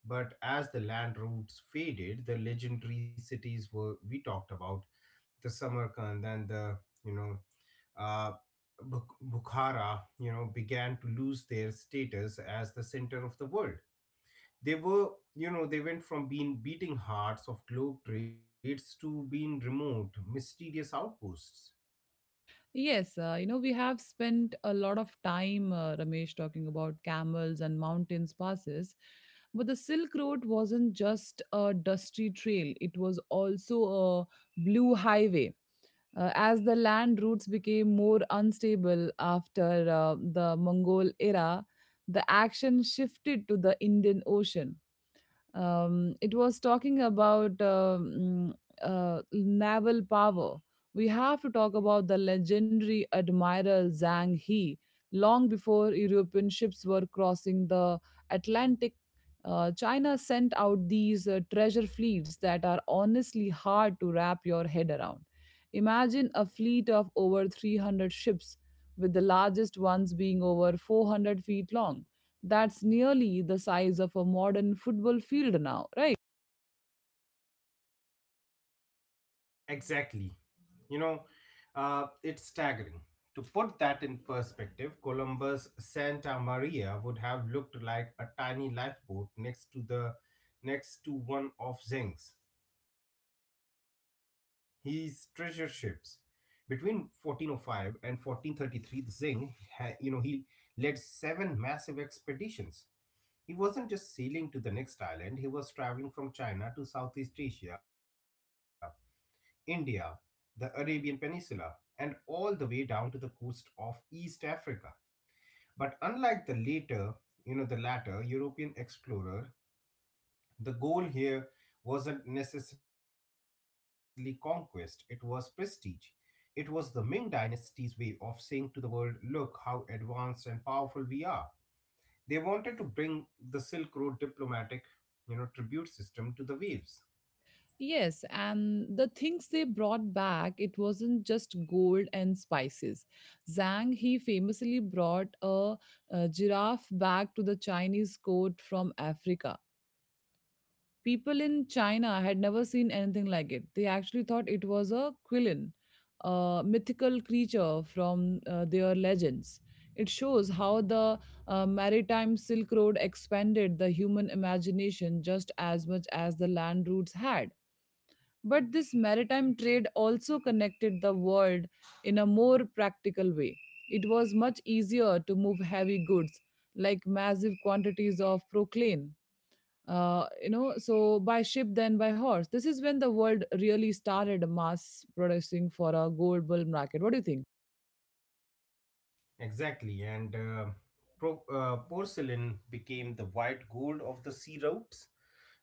S2: But as the land routes faded, the legendary cities were we talked about, the Samarkand and the you know uh, Bukhara, you know, began to lose their status as the center of the world. They were, you know, they went from being beating hearts of globe trades to being remote, mysterious outposts.
S1: Yes, we have spent a lot of time, Ramesh, talking about camels and mountains passes. But the Silk Road wasn't just a dusty trail, it was also a blue highway. As the land routes became more unstable after the Mongol era, the action shifted to the Indian Ocean. It was talking about Naval power. We have to talk about the legendary Admiral Zhang He. Long before European ships were crossing the Atlantic, China sent out these treasure fleets that are honestly hard to wrap your head around. Imagine a fleet of over 300 ships, with the largest ones being over 400 feet long. That's nearly the size of a modern football field now, right?
S2: Exactly. You know, it's staggering. To put that in perspective, Columbus Santa Maria would have looked like a tiny lifeboat next to one of Zeng's, his treasure ships. Between 1405 and 1433, Zeng, ha- you know, he led seven massive expeditions. He wasn't just sailing to the next island, he was traveling from China to Southeast Asia, India, the Arabian Peninsula, and all the way down to the coast of East Africa. But unlike the later, you know, the latter European explorer, the goal here wasn't necessarily conquest, it was prestige. It was the Ming Dynasty's way of saying to the world, look how advanced and powerful we are. They wanted to bring the Silk Road diplomatic, you know, tribute system to the waves.
S1: Yes, and the things they brought back, it wasn't just gold and spices. Zhang, he famously brought a giraffe back to the Chinese court from Africa. People in China had never seen anything like it. They actually thought it was a quillin, a mythical creature from their legends. It shows how the maritime Silk Road expanded the human imagination just as much as the land routes had. But this maritime trade also connected the world in a more practical way. It was much easier to move heavy goods, like massive quantities of proclaim, so by ship then by horse. This is when the world really started mass producing for a global market. What do you think?
S2: Exactly, and porcelain became the white gold of the sea routes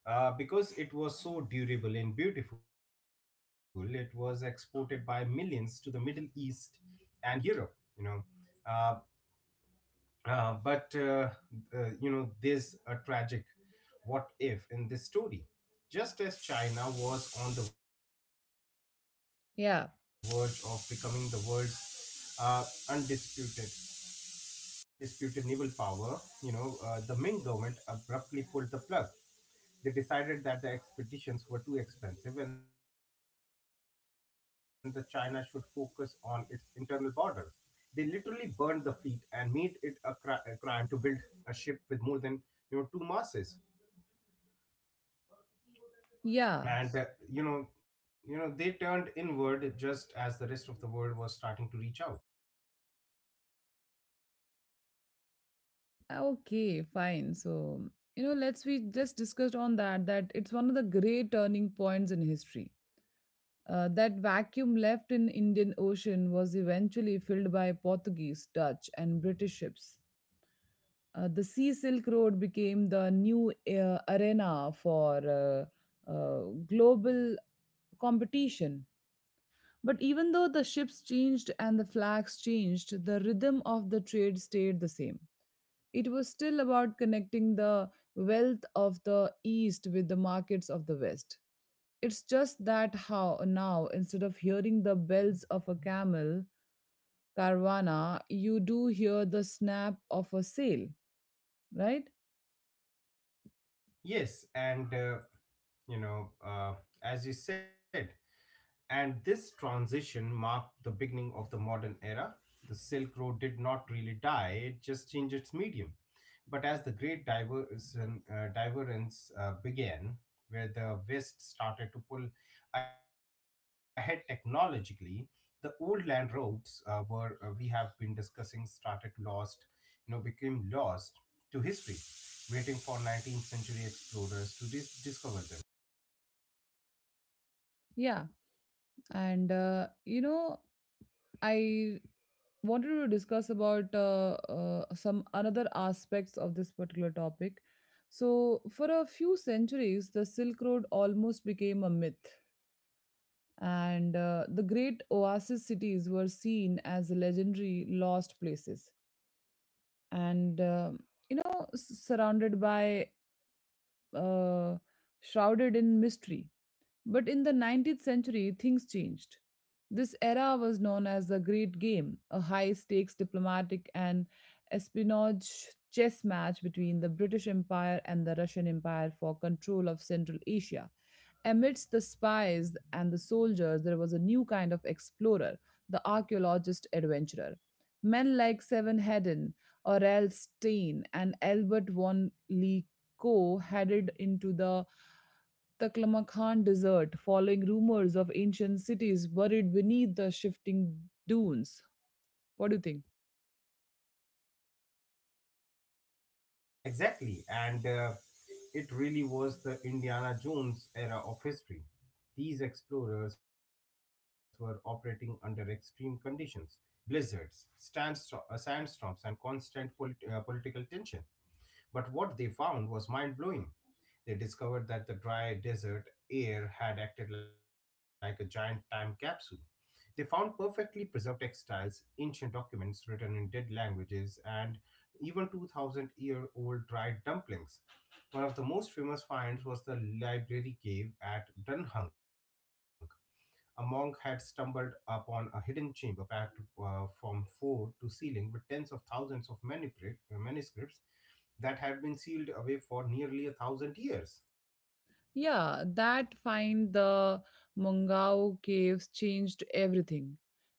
S2: because it was so durable and beautiful. It was exported by millions to the Middle East and Europe. You know, uh, but you know, There's a tragic what if in this story. Just as China was on the verge of becoming the world's
S1: Yeah,
S2: undisputed undisputed naval power, you know, the Ming government abruptly pulled the plug. They decided that the expeditions were too expensive and that China should focus on its internal borders. They literally burned the fleet and made it a, a crime to build a ship with more than, you know, two masses.
S1: yeah.
S2: And you know, They turned inward just as the rest of the world was starting to reach out.
S1: Okay, fine. So, you know, let's we just discussed on that that it's one of the great turning points in history. That vacuum left in Indian Ocean was eventually filled by Portuguese, Dutch, and British ships. The Sea Silk Road became the new arena for uh, uh, global competition. But even though the ships changed and the flags changed, the rhythm of the trade stayed the same. It was still about connecting the wealth of the East with the markets of the West. It's just that how now, instead of hearing the bells of a camel caravana, you do hear the snap of a sail, right?
S2: Yes, you know, uh, as you said, and this transition marked the beginning of the modern era. The Silk Road did not really die, it just changed its medium. But as the Great Divergence began, where the West started to pull ahead technologically, the old land roads were we have been discussing started to lost, you know, became lost to history, waiting for 19th century explorers to discover them.
S1: Yeah. And, I wanted to discuss about some another aspects of this particular topic. So, for a few centuries, the Silk Road almost became a myth, and the great oasis cities were seen as legendary lost places. And surrounded by, uh, shrouded in mystery. But in the 19th century, things changed. This era was known as the Great Game, a high stakes diplomatic and espionage chess match between the British Empire and the Russian Empire for control of Central Asia. Amidst the spies and the soldiers, there was a new kind of explorer, the archaeologist adventurer. Men like Seven Hedden, Aurel Stein, and Albert von Lico headed into the Taklamakan Desert, following rumors of ancient cities buried beneath the shifting dunes. What do you think?
S2: Exactly, and it really was the Indiana Jones era of history. These explorers were operating under extreme conditions: blizzards, sandstorms, and constant political tension. But what they found was mind blowing. They discovered that the dry desert air had acted like a giant time capsule. They found perfectly preserved textiles, ancient documents written in dead languages, and even 2000 year old dried dumplings. One of the most famous finds was the library cave at Dunhung. A monk had stumbled upon a hidden chamber packed from floor to ceiling with tens of thousands of manuscripts that had been sealed away for nearly a thousand years.
S1: Yeah, that find, the Mongao caves, changed everything.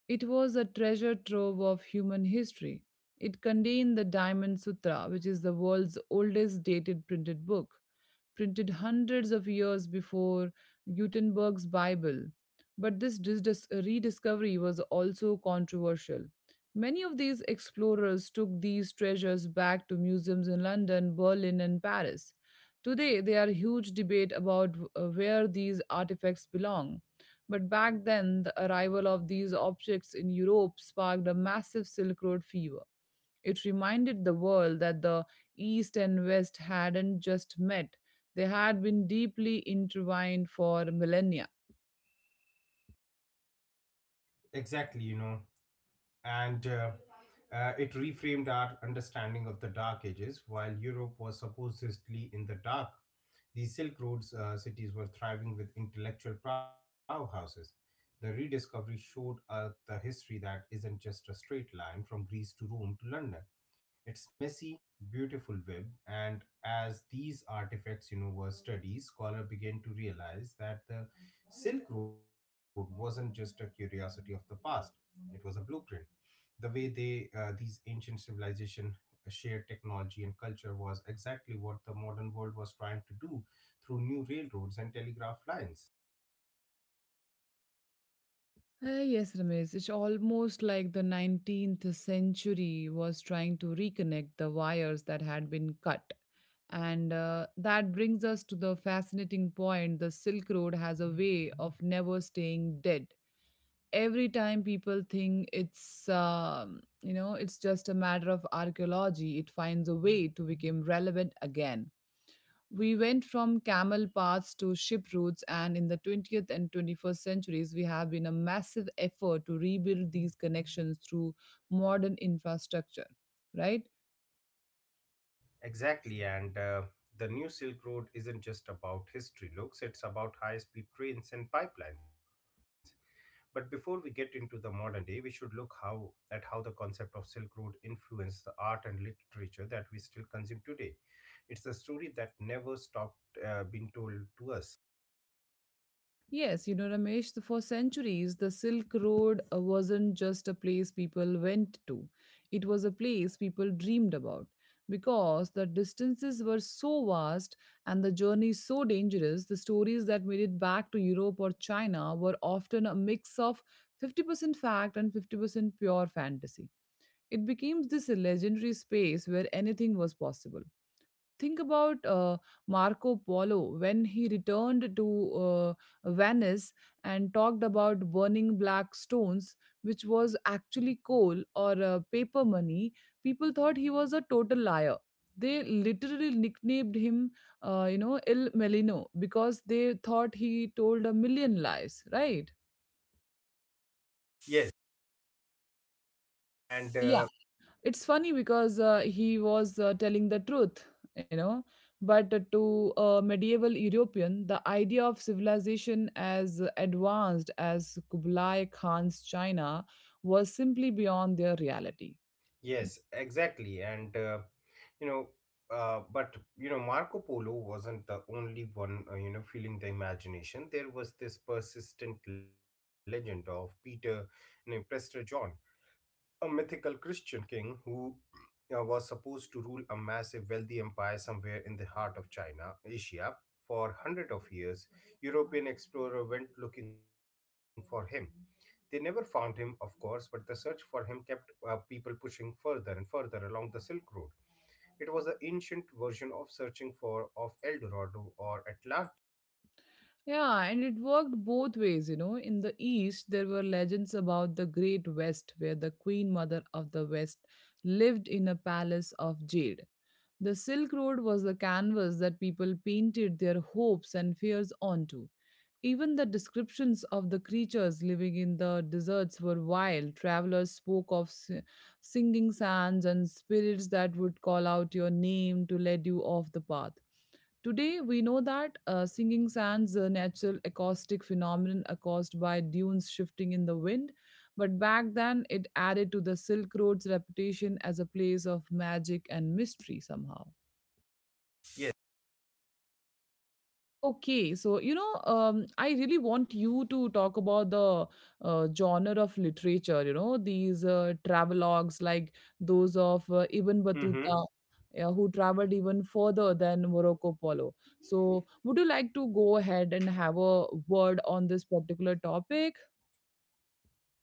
S1: It was a treasure trove of human history. It contained the Diamond Sutra, which is the world's oldest dated printed book, printed hundreds of years before Gutenberg's Bible. But this rediscovery was also controversial. Many of these explorers took these treasures back to museums in London, Berlin, and Paris. Today, there are huge debate about where these artifacts belong. But back then, the arrival of these objects in Europe sparked a massive Silk Road fever. It reminded the world that the East and West hadn't just met, they had been deeply intertwined for millennia.
S2: Exactly, you know. And It reframed our understanding of the Dark Ages. While Europe was supposedly in the dark, the Silk Road's cities were thriving with intellectual powerhouses. The rediscovery showed us the history that isn't just a straight line from Greece to Rome to London. It's messy, beautiful web, and as these artifacts, you know, were studied, scholars began to realize that the Silk Road wasn't just a curiosity of the past; it was a blueprint. The way they these ancient civilization shared technology and culture was exactly what the modern world was trying to do through new railroads and telegraph lines.
S1: Ah, yes, Ramesh, it's almost like the 19th century was trying to reconnect the wires that had been cut. And that brings us to the fascinating point: the Silk Road has a way of never staying dead. Every time people think it's it's just a matter of archaeology, it finds a way to become relevant again. We went from camel paths to ship routes, and in the 20th and 21st centuries we have been a massive effort to rebuild these connections through modern infrastructure, right?
S2: Exactly, and the new Silk Road isn't just about history looks, it's about high speed trains and pipelines. But before we get into the modern day, we should look how at how the concept of Silk Road influenced the art and literature that we still consume today. It's a story that never stopped being told to us.
S1: Yes, you know, Ramesh, for centuries, the Silk Road wasn't just a place people went to. It was a place people dreamed about. Because the distances were so vast and the journeys so dangerous, the stories that made it back to Europe or China were often a mix of 50% fact and 50% pure fantasy. It became this legendary space where anything was possible. Think about Marco Polo when he returned to uh, Venice and talked about burning black stones, which was actually coal or paper money. People thought he was a total liar. They literally nicknamed him, Il Melino, because they thought he told a million lies, right?
S2: Yes. and
S1: Yeah, it's funny because he was telling the truth, you know, but to a medieval european the idea of civilization as advanced as Kublai Khan's China was simply beyond their reality.
S2: Yes, exactly, and you know but, you know, Marco Polo wasn't the only one, feeling the imagination. There was this persistent legend of Prester John, a mythical Christian king who was supposed to rule a massive wealthy empire somewhere in the heart of China Asia. For hundred of years European explorer went looking for him. They never found him, of course, but the search for him kept people pushing further and further along the Silk Road. It was the ancient version of searching for of El Dorado or Atlantis.
S1: Yeah, and it worked both ways, you know. In the East, there were legends about the Great West, where the Queen Mother of the West lived in a palace of jade. The Silk Road was the canvas that people painted their hopes and fears onto. Even the descriptions of the creatures living in the deserts were wild. Travelers spoke of singing sands and spirits that would call out your name to lead you off the path. Today, we know that singing sands, a natural acoustic phenomenon caused by dunes shifting in the wind, but back then it added to the Silk Road's reputation as a place of magic and mystery somehow.
S2: Yes.
S1: Okay, so you know, I really want you to talk about the genre of literature, you know, these travelogues like those of Ibn Battuta,
S2: Mm-hmm.
S1: yeah, who traveled even further than Morocco Polo. So, would you like to go ahead and have a word on this particular topic?
S2: Yeah.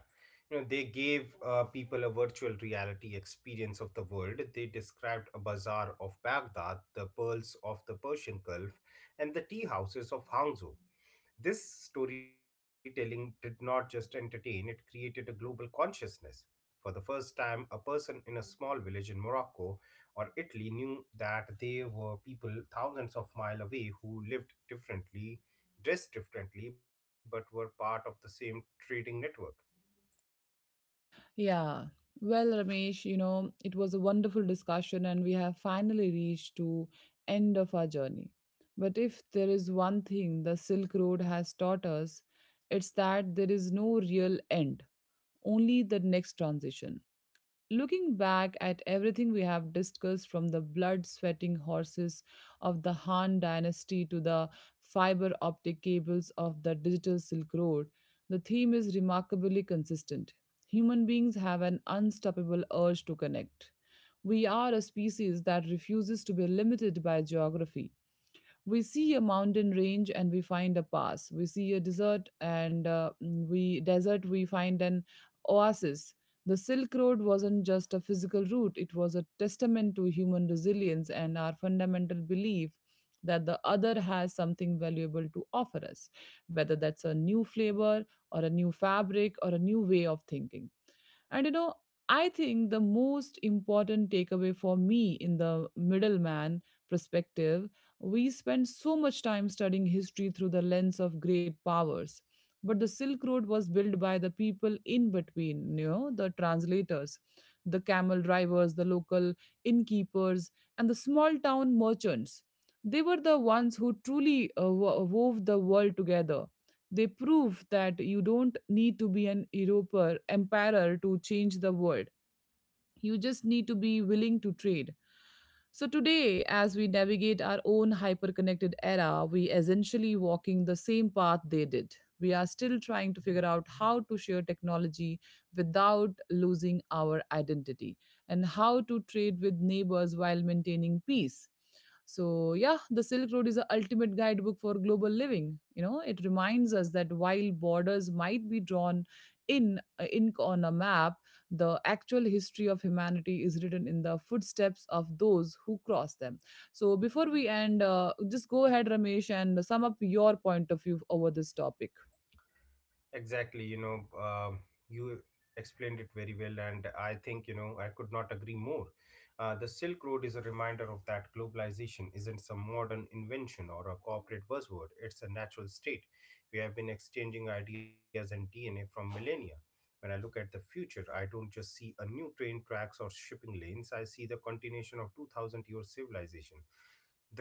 S2: You know, they gave people a virtual reality experience of the world. They described a bazaar of Baghdad, the pearls of the Persian Gulf, and the tea houses of Hangzhou. This storytelling did not just entertain, it created a global consciousness. For the first time, a person in a small village in Morocco or Italy knew that there were people thousands of miles away who lived differently, dressed differently, but were part of the same trading network.
S1: Yeah. Well, Ramesh, you know, it was a wonderful discussion and we have finally reached to end of our journey. But if there is one thing the Silk Road has taught us, it's that there is no real end, only the next transition. Looking back at everything we have discussed, from the blood sweating horses of the Han dynasty to the fiber optic cables of the digital Silk Road, the theme is remarkably consistent. Human beings have an unstoppable urge to connect. We are a species that refuses to be limited by geography. We see a mountain range and we find a pass. We see a desert and we find an oasis. The Silk Road wasn't just a physical route, it was a testament to human resilience and our fundamental belief that the other has something valuable to offer us, whether that's a new flavor or a new fabric or a new way of thinking. And you know, I think the most important takeaway for me in the middleman perspective: we spend so much time studying history through the lens of great powers. But the Silk Road was built by the people in between, you know, the translators, the camel drivers, the local innkeepers, and the small town merchants. They were the ones who truly wove the world together. They proved that you don't need to be an emperor to change the world, you just need to be willing to trade. So today, as we navigate our own hyper-connected era, we essentially walking the same path they did. We are still trying to figure out how to share technology without losing our identity, and how to trade with neighbors while maintaining peace. So yeah, the Silk Road is the ultimate guidebook for global living. You know, it reminds us that while borders might be drawn in ink on a map, the actual history of humanity is written in the footsteps of those who cross them. So before we end, just go ahead Ramesh and sum up your point of view over this topic.
S2: Exactly, you know, um you explained it very well, and I think, you know, I could not agree more. The Silk Road is a reminder of that globalization isn't some modern invention or a corporate buzzword, it's a natural state. We have been exchanging ideas and DNA from millennia. When I look at the future, I don't just see a new train tracks or shipping lanes, I see the continuation of 2000-year civilization.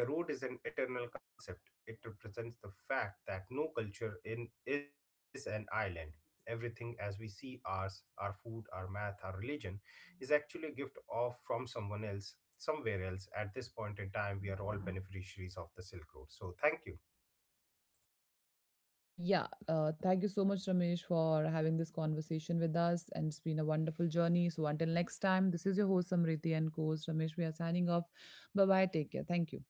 S2: The road is an eternal concept. It represents the fact that no culture in is an island. Everything as we see ours, our food, our math, our religion, is actually a gift of from someone else, somewhere else. At this point in time, we are all beneficiaries of the Silk Road. So thank you.
S1: Yeah, thank you so much Ramesh for having this conversation with us, and it's been a wonderful journey. So until next time, this is your host Samriti and co-host Ramesh, we are signing off. Bye bye, take care, thank you.